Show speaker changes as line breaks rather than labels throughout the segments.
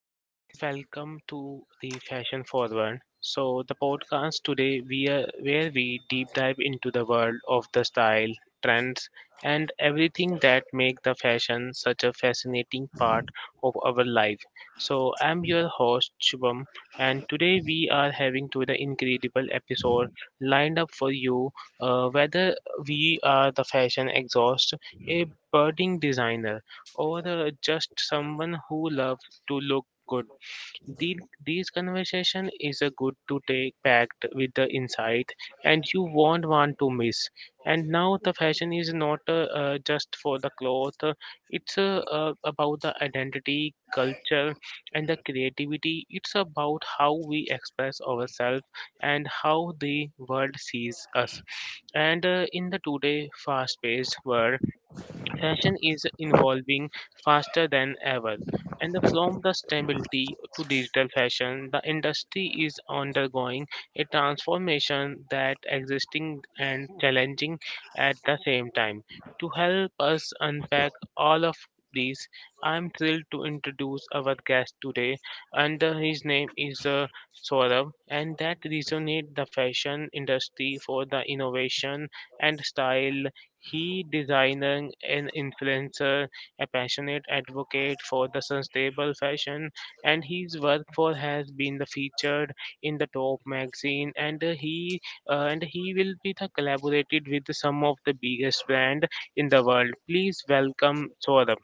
Hello and welcome to the Fashion Forward. So the podcast today we are where we deep dive into the world of the style, trends, and everything that make the fashion such a fascinating part of our life. So I'm your host Shubham, and today we are having to the incredible episode lined up for you, whether we are the fashion exhaust, a budding designer, or just someone who loves to look good. The, these conversation is a good to take packed with the insight, and you won't want to miss. And now the fashion is not just for the cloth. It's about the identity, culture, and the creativity. It's about how we express ourselves and how the world sees us. And in the today fast-paced world, fashion is evolving faster than ever, and from the stability to digital fashion, the industry is undergoing a transformation that existing and challenging at the same time. To help us unpack all of these, I'm thrilled to introduce our guest today, and his name is Saurabh, and that resonate the fashion industry for the innovation and style. He designer an influencer, a passionate advocate for the sustainable fashion, and his work for has been the featured in the Top magazine. And he and he will be the collaborated with some of the biggest brand in the world. Please welcome Saurabh.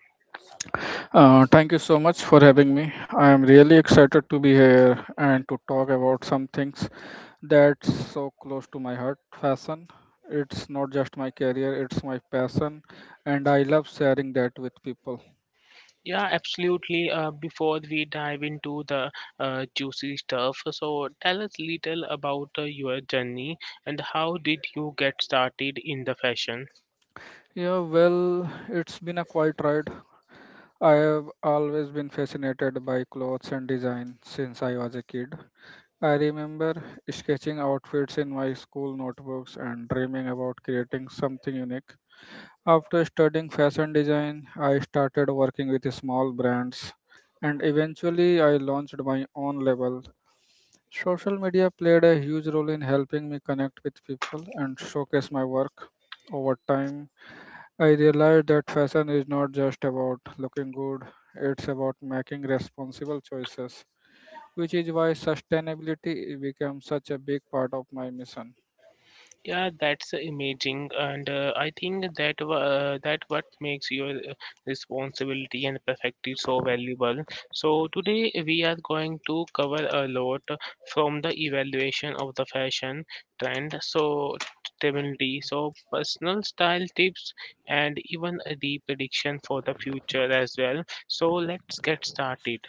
Thank you so much for having me. I am really excited to be here and to talk about some things that's so close to my heart, fashion. It's not just my career, it's my passion, and I love sharing that with people.
Yeah, absolutely. Before we dive into the juicy stuff, so tell us little about your journey and how did you get started in the fashion?
Yeah, well, it's been a quiet ride. I have always been fascinated by clothes and design since I was a kid. I remember sketching outfits in my school notebooks and dreaming about creating something unique. After studying fashion design, I started working with small brands and eventually I launched my own label. Social media played a huge role in helping me connect with people and showcase my work. Over time, I realized that fashion is not just about looking good, it's about making responsible choices, which is why sustainability became such a big part of my mission.
Yeah, that's amazing, and I think that what makes your responsibility and perfectly so valuable. So today we are going to cover a lot, from the evaluation of the fashion trend, so stability, so personal style tips, and even the prediction for the future as well. So let's get started.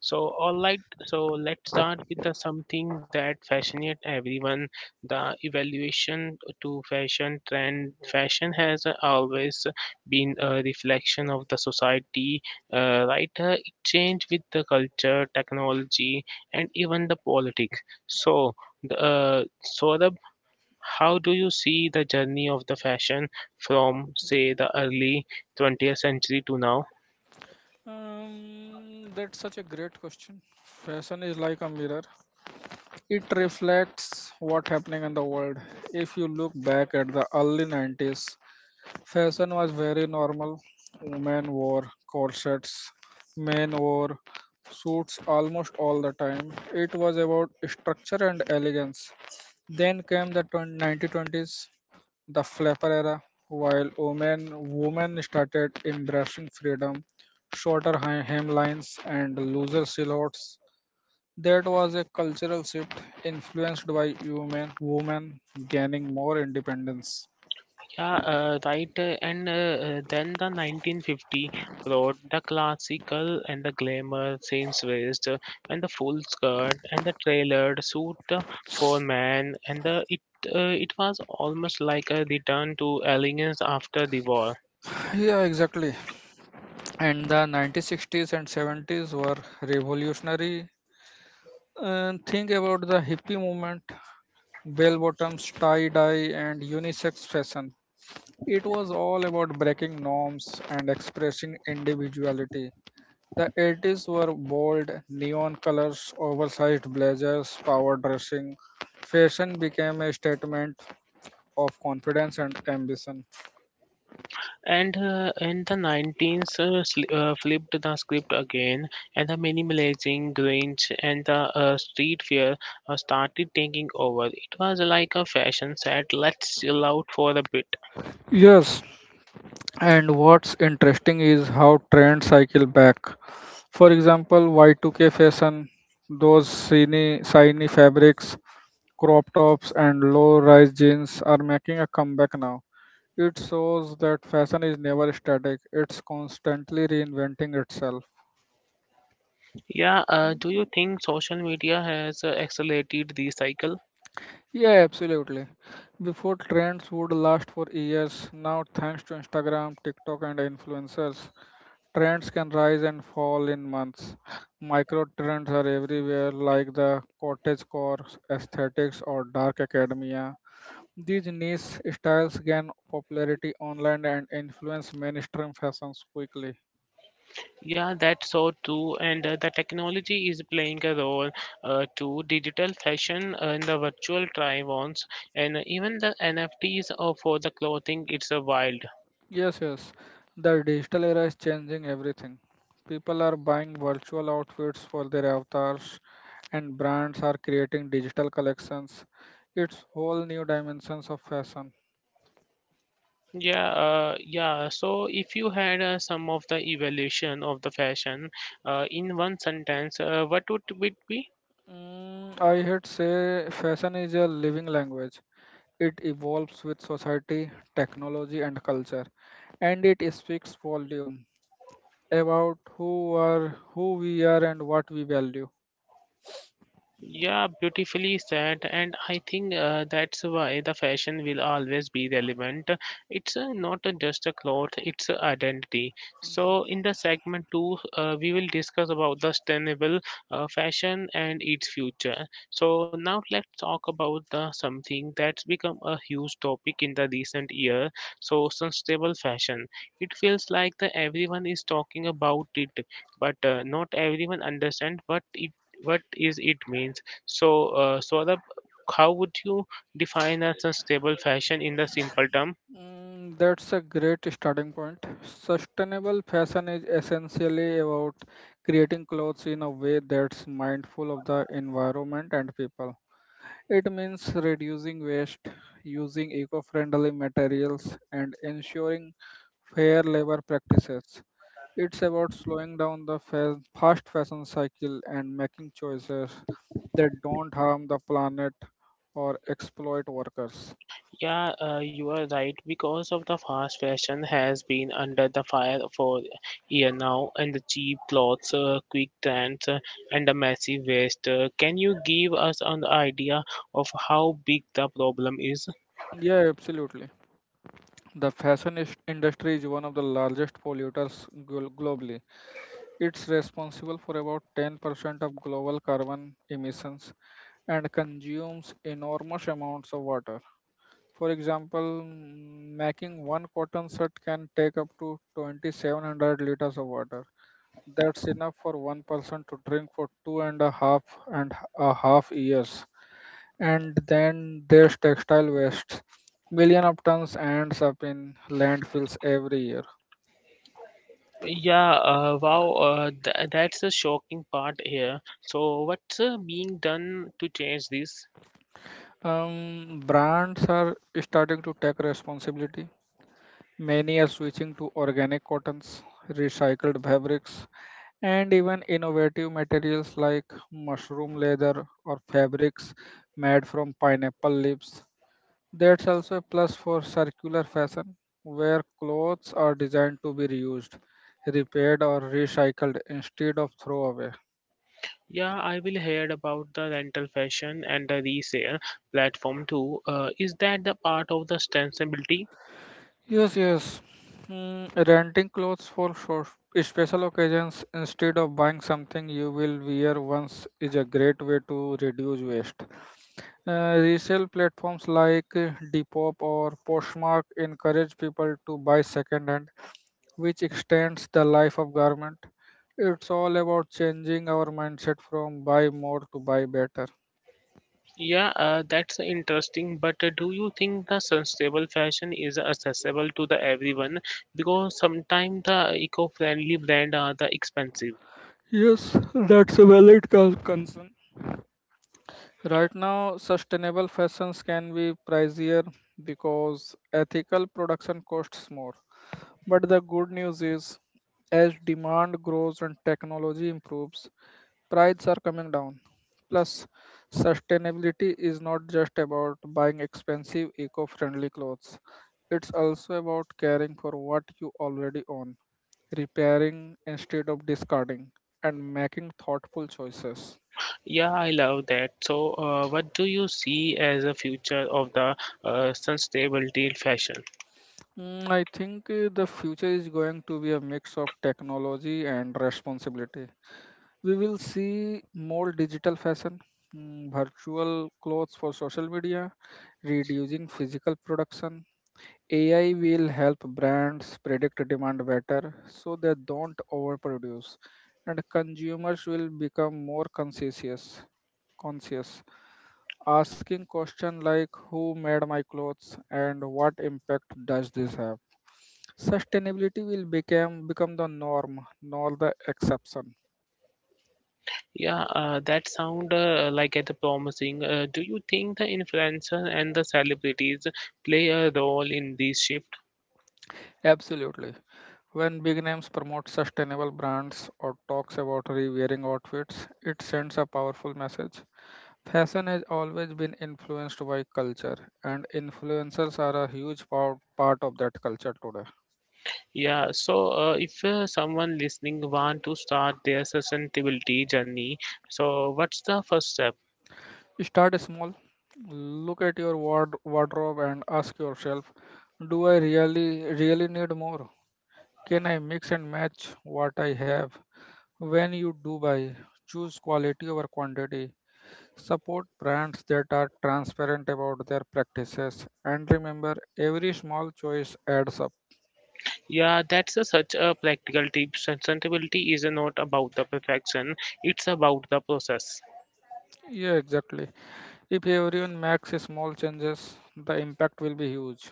So, all right, so let's start with the something that fascinates everyone, the evaluation to fashion trend. Fashion has always been a reflection of the society, right? It changed with the culture, technology, and even the politics. So, Saurabh, how do you see the journey of the fashion from, say, the early 20th century to now?
That's such a great question. Fashion is like a mirror. It reflects what happening in the world. If you look back at the early 90s, fashion was very normal. Women wore corsets, men wore suits almost all the time. It was about structure and elegance. Then came the 20 1920s, the flapper era, while women started embracing freedom, shorter hemlines and looser silhouettes. That was a cultural shift influenced by women gaining more independence.
Yeah, right. And then the 1950 brought the classical and the glamour, seams waist, and the full skirt and the tailored suit for men, and the it it was almost like a return to elegance after the war.
Yeah, exactly. And the 1960s and 70s were revolutionary. And think about the hippie movement, bell bottoms, tie dye, and unisex fashion. It was all about breaking norms and expressing individuality. The 80s were bold, neon colors, oversized blazers, power dressing. Fashion became a statement of confidence and ambition.
And in the 19s, flipped the script again, and the minimalizing grunge, and the street fair started taking over. It was like a fashion set. Let's chill out for a bit.
Yes, and what's interesting is how trends cycle back. For example, Y2K fashion, those shiny, shiny fabrics, crop tops, and low rise jeans are making a comeback now. It shows that fashion is never static, it's constantly reinventing itself.
Yeah, do you think social media has accelerated the cycle?
Yeah, absolutely. Before trends would last for years, now thanks to Instagram, TikTok, and influencers, trends can rise and fall in months. Micro trends are everywhere, like the cottage core aesthetics or dark academia. These niche styles gain popularity online and influence mainstream fashions quickly.
Yeah, that's so true. And the technology is playing a role, to digital fashion, in the virtual try-ons, and even the NFTs for the clothing. It's a wild.
Yes, yes. The digital era is changing everything. People are buying virtual outfits for their avatars, and brands are creating digital collections. It's whole new dimensions of fashion.
Yeah, yeah. So if you had some of the evaluation of the fashion in one sentence, what would it be?
I had say fashion is a living language. It evolves with society, technology, and culture, and it speaks volume about who we are and what we value.
Yeah, beautifully said, and I think that's why the fashion will always be relevant. It's not just a cloth; it's a identity. So, in the segment two, we will discuss about the sustainable fashion and its future. So, now let's talk about the something that's become a huge topic in the recent year. So, sustainable fashion. It feels like the everyone is talking about it, but not everyone understands what is it means? So, so the how would you define a sustainable fashion in the simple term?
That's a great starting point. Sustainable fashion is essentially about creating clothes in a way that's mindful of the environment and people. It means reducing waste, using eco friendly materials, and ensuring fair labor practices. It's about slowing down the fast fashion cycle and making choices that don't harm the planet or exploit workers.
Yeah, you are right. Because of the fast fashion has been under the fire for year now, and the cheap clothes, quick trends, and the massive waste. Can you give us an idea of how big the problem is?
Yeah, absolutely. The fashion industry is one of the largest polluters globally. It's responsible for about 10% of global carbon emissions and consumes enormous amounts of water. For example, making one cotton shirt can take up to 2,700 liters of water. That's enough for one person to drink for two and a half years. And then there's textile waste. Million of tons ends up in landfills every year.
Yeah, wow, that's a shocking part here. So, what's being done to change this?
Brands are starting to take responsibility. Many are switching to organic cottons, recycled fabrics, and even innovative materials like mushroom leather or fabrics made from pineapple leaves. That's also a plus for circular fashion, where clothes are designed to be reused, repaired, or recycled instead of thrown away.
Yeah, I will heard about the rental fashion and the resale platform too. Is that the part of the sustainability?
Yes, yes. Renting clothes for short, special occasions instead of buying something you will wear once is a great way to reduce waste. Resale platforms like Depop or Poshmark encourage people to buy secondhand, which extends the life of garment. It's all about changing our mindset from buy more to buy better.
Yeah, that's interesting. But do you think the sustainable fashion is accessible to the everyone? Because sometimes the eco-friendly brand are the expensive.
Yes, that's a valid concern. Right now, sustainable fashions can be pricier because ethical production costs more. But the good news is, as demand grows and technology improves, prices are coming down. Plus, sustainability is not just about buying expensive, eco friendly clothes, it's also about caring for what you already own, repairing instead of discarding, and making thoughtful choices.
Yeah, I love that. So, what do you see as a future of the sustainability fashion?
I think the future is going to be a mix of technology and responsibility. We will see more digital fashion, virtual clothes for social media, reducing physical production. AI will help brands predict demand better so they don't overproduce, and consumers will become more conscientious. Conscious, asking questions like "Who made my clothes?" and "What impact does this have?" Sustainability will become the norm, not the exception.
Yeah, that sound like it's promising. Do you think the influencer and the celebrities play a role in this shift?
Absolutely. When big names promote sustainable brands or talks about re-wearing outfits, it sends a powerful message. Fashion has always been influenced by culture, and influencers are a huge part of that culture today.
Yeah, so if someone listening want to start their sustainability journey, so what's the first step?
Start small. Look at your wardrobe and ask yourself, do I really need more? Can I mix and match what I have? When you do buy, choose quality over quantity. Support brands that are transparent about their practices. And remember, every small choice adds up.
Yeah, that's a, such a practical tip. Sustainability is not about the perfection; it's about the process.
Yeah, exactly. If everyone makes small changes, the impact will be huge.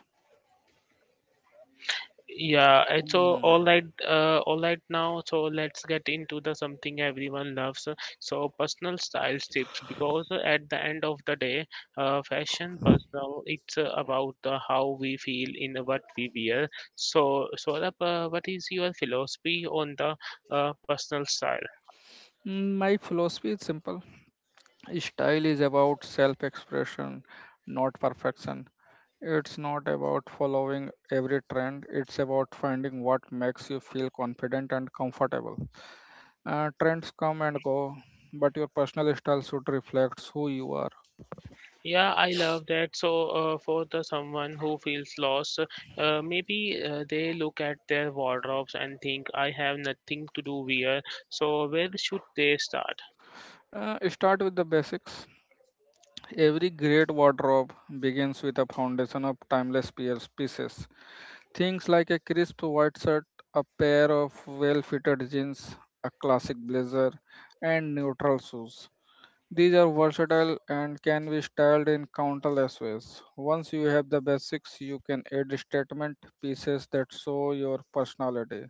Yeah, it's
Hmm.
all right now. So let's get into the something everyone loves. So personal style tips, because at the end of the day, fashion personal. It's about the how we feel in what we wear. So, Saurabh, what is your philosophy on the personal style?
My philosophy is simple: style is about self expression, not perfection. It's not about following every trend, it's about finding what makes you feel confident and comfortable. Trends come and go, but your personal style should reflect who you are.
Yeah, I love that. So, for the someone who feels lost, maybe they look at their wardrobes and think, "I have nothing to do here." So, where should they start?
Start with the basics. Every great wardrobe begins with a foundation of timeless pieces. Things like a crisp white shirt, a pair of well fitted jeans, a classic blazer, and neutral shoes. These are versatile and can be styled in countless ways. Once you have the basics, you can add statement pieces that show your personality.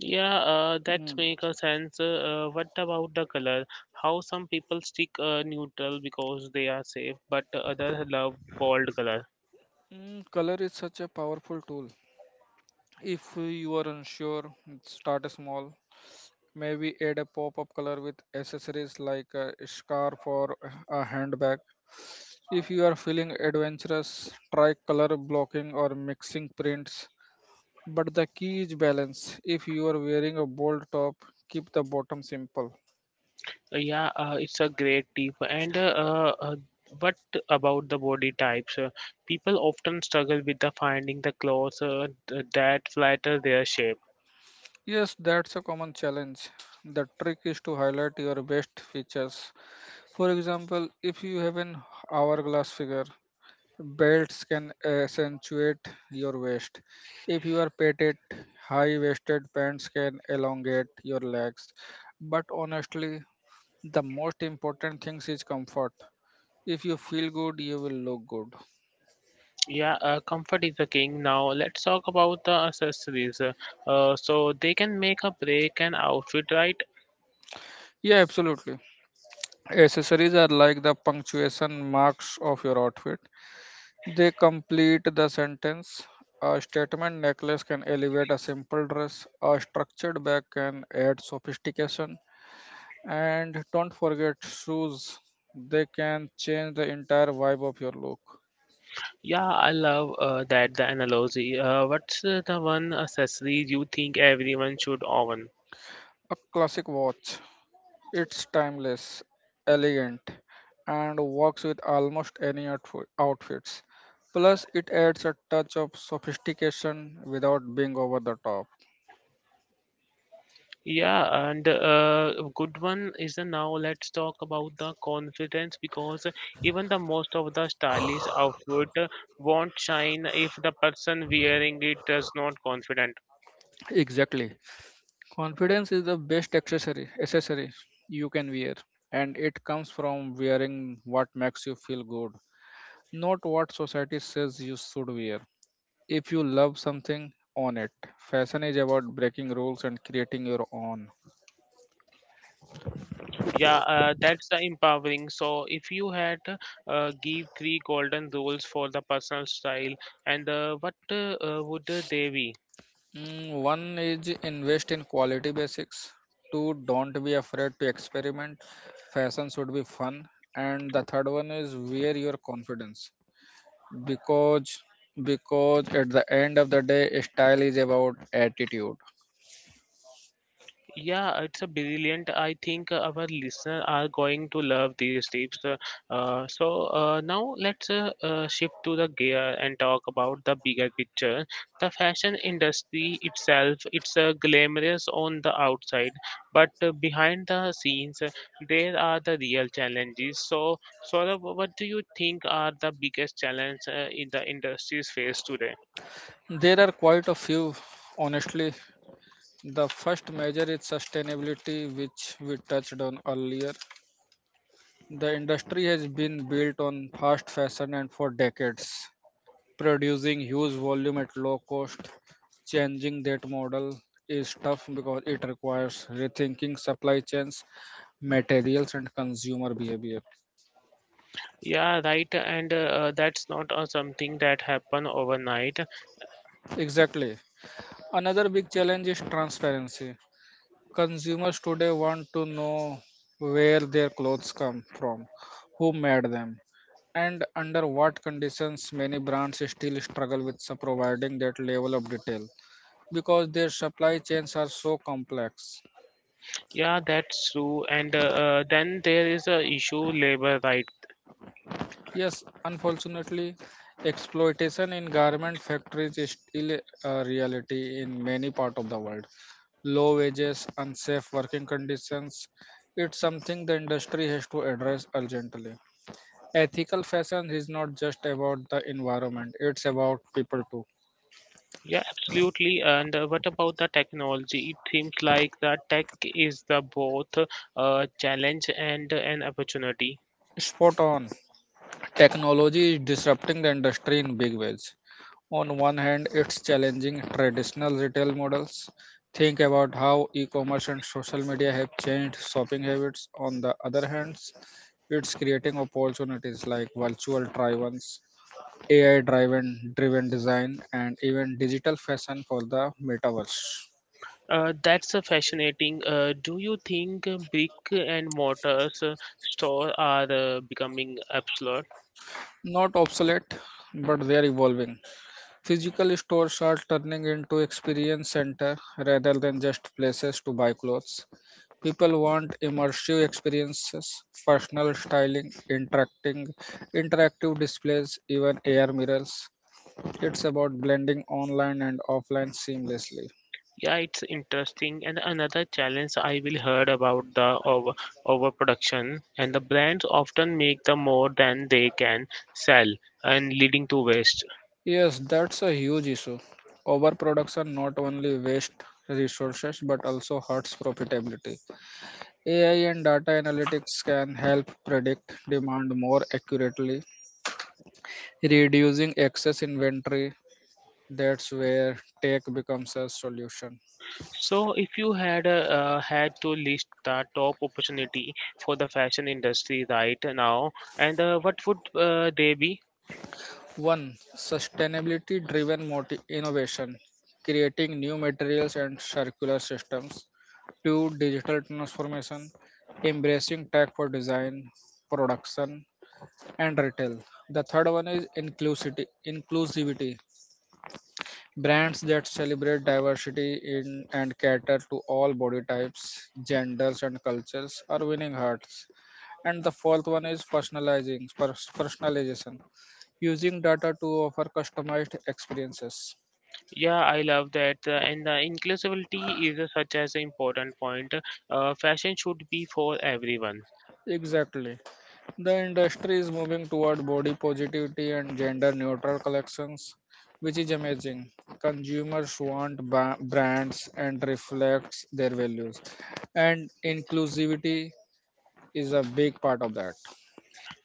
Yeah, that
Hmm.
makes a sense. What about the color? How some people stick neutral because they are safe, but others love bold color.
Color is such a powerful tool. If you are unsure, start small. Maybe add a pop up color with accessories like a scarf or a handbag. If you are feeling adventurous, try color blocking or mixing prints. But the key is balance. If you are wearing a bold top, keep the bottom simple.
Yeah, it's a great tip. And uh, uh, what about the body types? People often struggle with the finding the clothes that flatter their shape.
Yes, that's a common challenge. The trick is to highlight your best features. For example, if you have an hourglass figure, belts can accentuate your waist. If you are petite, high waisted pants can elongate your legs. But honestly, the most important thing is comfort. If you feel good, you will look good.
Yeah, comfort is the king. Now let's talk about the accessories. So they can make a break an outfit, right?
Yeah, absolutely. Accessories are like the punctuation marks of your outfit, they complete the sentence. A statement necklace can elevate a simple dress, a structured bag can add sophistication, and don't forget shoes, they can change the entire vibe of your look.
Yeah, I love that the analogy. What's the one accessory you think everyone should own?
A classic watch, it's timeless, elegant, and works with almost any outfits. Plus, it adds a touch of sophistication without being over the top.
Yeah, and a good one is now let's talk about the confidence because even the most of the stylish outfit won't shine if the person wearing it is not confident.
Exactly. Confidence is the best accessory you can wear, and it comes from wearing what makes you feel good, not what society says you should wear. If you love something, own it. Fashion is about breaking rules and creating your own.
Yeah, that's the empowering. So if you had give three golden rules for the personal style, and what would they be?
One is invest in quality basics. Two, don't be afraid to experiment. Fashion should be fun. And the third one is wear your confidence. Because because at the end of the day, style is about attitude.
Yeah, it's a brilliant. I think our listeners are going to love these tips. So now let's shift to the gear and talk about the bigger picture. The fashion industry itself, it's glamorous on the outside, but behind the scenes, there are the real challenges. So, Saurabh, what do you think are the biggest challenges in the industry's face today?
There are quite a few, honestly. The first major is sustainability, which we touched on earlier. The industry has been built on fast fashion and for decades, producing huge volume at low cost. Changing that model is tough because it requires rethinking supply chains, materials, and consumer behavior.
Yeah, right. And that's not something that happen overnight.
Exactly. Another big challenge is transparency. Consumers today want to know where their clothes come from, who made them, and under what conditions. Many brands still struggle with providing that level of detail because their supply chains are so complex.
Yeah, that's true. And then there is a issue labor right.
Yes, unfortunately, exploitation in garment factories is still a reality in many parts of the world. Low wages, unsafe working conditions, it's something the industry has to address urgently. Ethical fashion is not just about the environment, it's about people too.
Yeah, absolutely. And what about the technology? It seems like the tech is the both challenge and an opportunity.
Spot on. Technology is disrupting the industry in big ways. On one hand, it's challenging traditional retail models. Think about how e commerce and social media have changed shopping habits. On the other hand, it's creating opportunities like virtual try ons, AI driven design, and even digital fashion for the metaverse.
That's fascinating. Do you think brick and mortars store are becoming obsolete?
Not obsolete, but they're evolving. Physical stores are turning into experience centers rather than just places to buy clothes. People want immersive experiences, personal styling, interactive displays, even AR mirrors. It's about blending online and offline seamlessly.
Yeah, it's interesting. And another challenge I will heard about the overproduction, and the brands often make the more than they can sell, and leading to waste.
Yes, that's a huge issue. Overproduction not only wastes resources but also hurts profitability. AI and data analytics can help predict demand more accurately, reducing excess inventory, that's where tech becomes a solution.
So, if you had had to list the top opportunity for the fashion industry right now, and what would they be?
1. Sustainability driven innovation, creating new materials and circular systems. 2. Digital transformation, embracing tech for design, production, and retail. The third one is inclusivity. Brands that celebrate diversity in and cater to all body types, genders, and cultures are winning hearts. And the fourth one is personalization, using data to offer customized experiences.
Yeah, I love that. And the inclusivity is such as an important point. Fashion should be for everyone.
Exactly. The industry is moving toward body positivity and gender neutral collections, which is amazing. Consumers want brands and reflects their values, and inclusivity is a big part of that.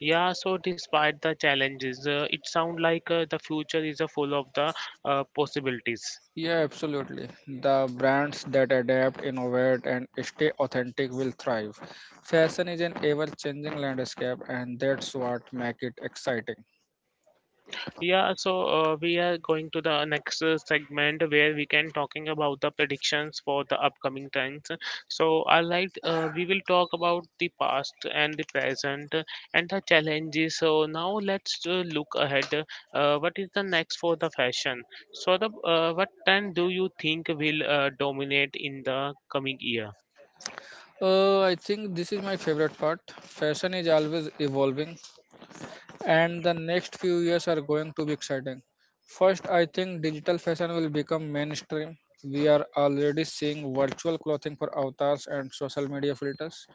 Yeah, so despite the challenges, it sounds like the future is full of the possibilities.
Yeah, absolutely. The brands that adapt, innovate, and stay authentic will thrive. Fashion is an ever-changing landscape, and that's what makes it exciting.
Yeah, so we are going to the next segment where we can talking about the predictions for the upcoming trends. So I like we will talk about the past and the present, and the challenges. So now let's look ahead. What is the next for the fashion? So the what trend do you think will dominate in the coming year?
I think this is my favorite part. Fashion is always evolving, and the next few years are going to be exciting. First, I think digital fashion will become mainstream. We are already seeing virtual clothing for avatars and social media filters.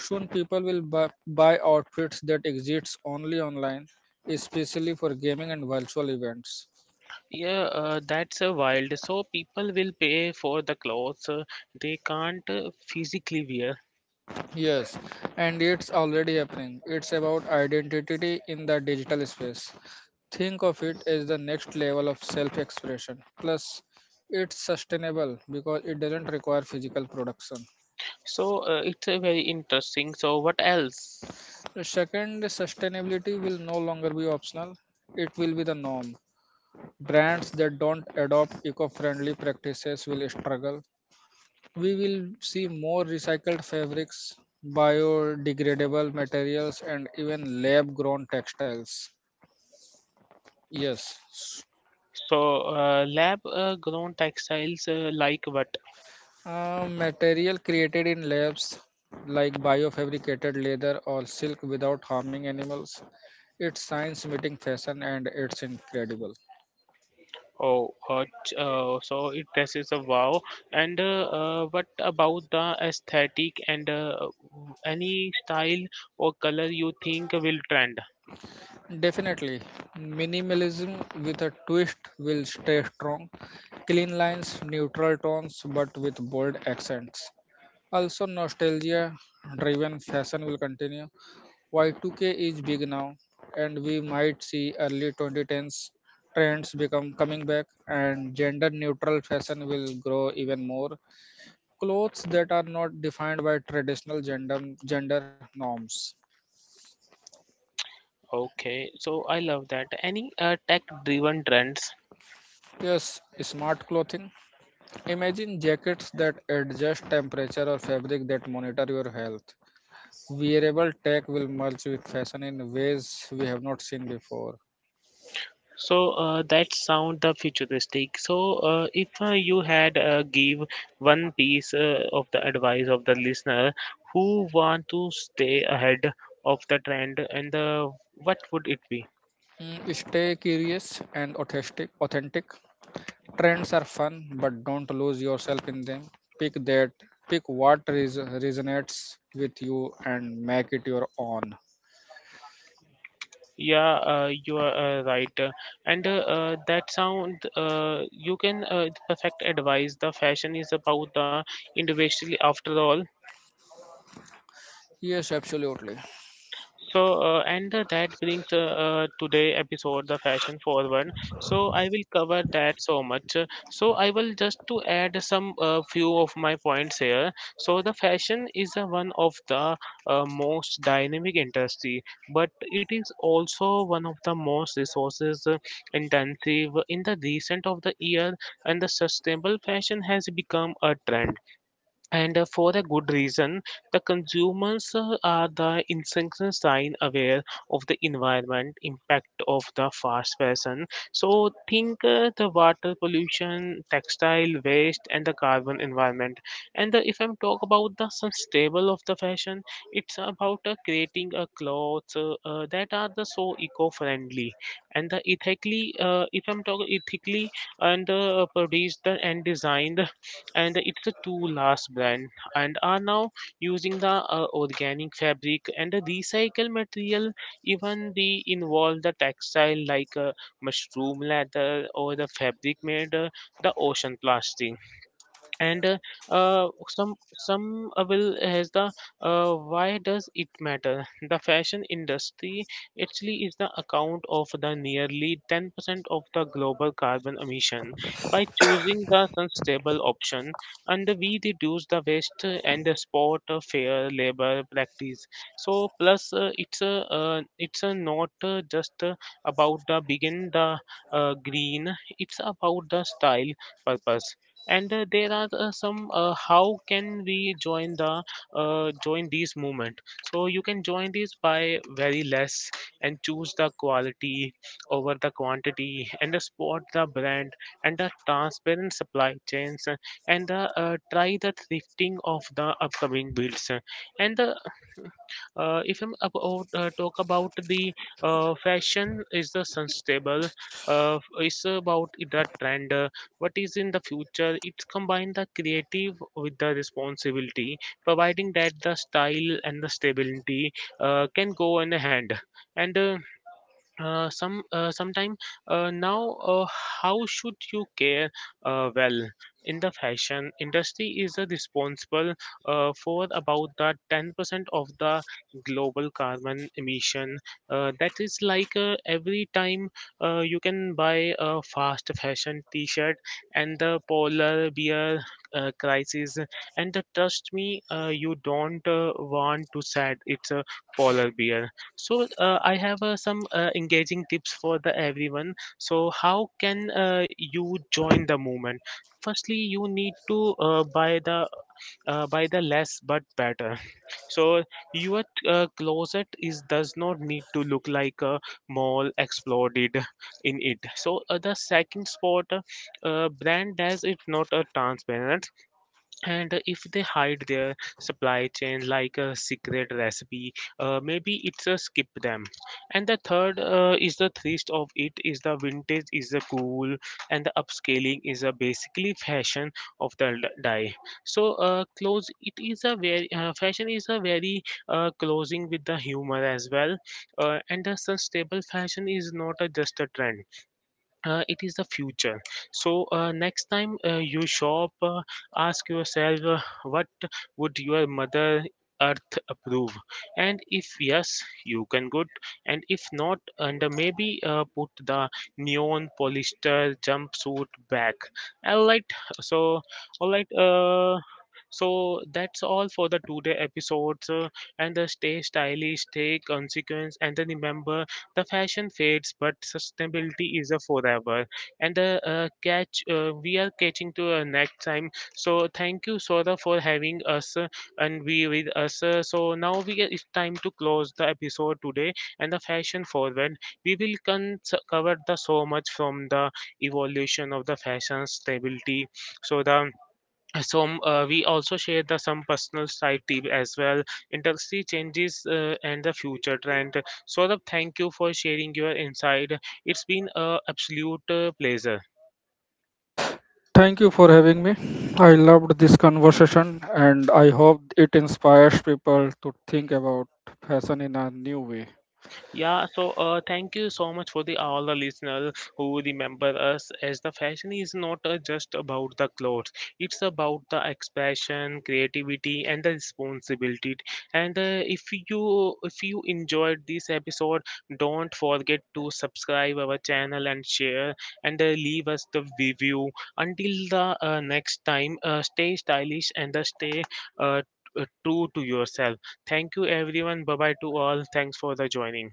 Soon, people will buy outfits that exist only online, especially for gaming and virtual events.
Yeah, that's wild. So people will pay for the clothes they can't physically wear.
Yes, and it's already happening. It's about identity in the digital space. Think of it as the next level of self expression. Plus, it's sustainable because it doesn't require physical production.
So it's very interesting. So what else?
Second, sustainability will no longer be optional, it will be the norm. Brands that don't adopt eco friendly practices will struggle. We will see more recycled fabrics, biodegradable materials, and even lab grown textiles. Yes,
So lab grown textiles like what?
material created in labs like biofabricated leather or silk without harming animals. It's science meeting fashion and it's incredible.
Oh, so it dresses a wow. And what about the aesthetic and any style or color you think will trend?
Definitely, minimalism with a twist will stay strong. Clean lines, neutral tones, but with bold accents. Also, nostalgia driven fashion will continue. While 2K is big now, and we might see early 2010s trends become coming back, and gender neutral fashion will grow even more. Clothes that are not defined by traditional gender norms.
Okay, so I love that. Any tech-driven trends?
Yes, smart clothing. Imagine jackets that adjust temperature or fabric that monitor your health. Wearable tech will merge with fashion in ways we have not seen before.
So that sound the futuristic. So if you had give one piece of the advice of the listener who want to stay ahead of the trend, and the what would it be?
Stay curious and authentic. Trends are fun, but don't lose yourself in them. Pick that, pick what resonates with you and make it your own.
Yeah, you are right. And that sound you can perfect advice. The fashion is about the individual after all.
Yes, absolutely.
So, and that brings today episode the fashion forward. So I will cover that so much. So I will just to add some few of my points here. So the fashion is one of the most dynamic industry, but it is also one of the most resources intensive in the recent of the year, and the sustainable fashion has become a trend and for a good reason, the consumers are the incessant sign aware of the environment impact of the fast fashion. So think, the water pollution, textile waste, and the carbon environment. And if I'm talk about the sustainable of the fashion, it's about creating a clothes that are the so eco-friendly and the ethically if I'm talking ethically and produced and designed. And it's a two last brand and are now using the organic fabric and the recycled material. Even they involve the textile like mushroom leather or the fabric made the ocean plastic. And some will has the why does it matter? The fashion industry actually is the account of the nearly 10% of the global carbon emission. By choosing the sustainable option, and we reduce the waste and the sport fair labor practice. So plus, it's a not just about the begin the green, it's about the style, purpose. And there are some how can we join the join these movement? So you can join these by very less and choose the quality over the quantity, and support the brand and the transparent supply chains, and the try the thrifting of the upcoming builds, and the if I'm about talk about the fashion is the sustainable. It's about the trend. What is in the future? It's combine the creative with the responsibility, providing that the style and the stability can go in the hand. And some sometime now how should you care? Well, in the fashion industry is responsible for about the 10% of the global carbon emission. That is like, every time you can buy a fast fashion t-shirt and the polar bear crisis. And trust me, you don't want to sad. It's a polar bear. So I have some engaging tips for the everyone. So how can you join the movement? Firstly, you need to buy the less but better. So your closet is does not need to look like a mall exploded in it. So the second spot, brand does it not a transparent, and if they hide their supply chain like a secret recipe, maybe it's a skip them. And the third, is the thrust of it, is the vintage is the cool and the upscaling is a basically fashion of the die. So close it is a very fashion is a very closing with the humor as well. And the sustainable fashion is not a, just a trend, it is the future. So next time you shop, ask yourself, what would your mother earth approve? And if yes, you can good, and if not, and maybe put the neon polyester jumpsuit back. All right. So, all right. So that's all for the today episodes, and stay stylish, take consequence, and then remember the fashion fades, but sustainability is a forever. And the catch, we are catching to next time. So thank you, Sora, for having us and be with us. So now we it's time to close the episode today and the fashion forward. We will cover the so much from the evolution of the fashion stability. So the so we also share the some personal side tip as well, industry changes and the future trend. So the thank you for sharing your insight, it's been a absolute pleasure.
Thank you for having me. I loved this conversation and I hope it inspires people to think about fashion in a new way.
Yeah, so thank you so much for the all the listeners who remember us as the fashion is not just about the clothes. It's about the expression, creativity, and the responsibility. And if you enjoyed this episode, don't forget to subscribe our channel and share, and leave us the review. Until the next time, stay stylish and stay uh, true to yourself. Thank you, everyone. Bye bye to all. Thanks for the joining.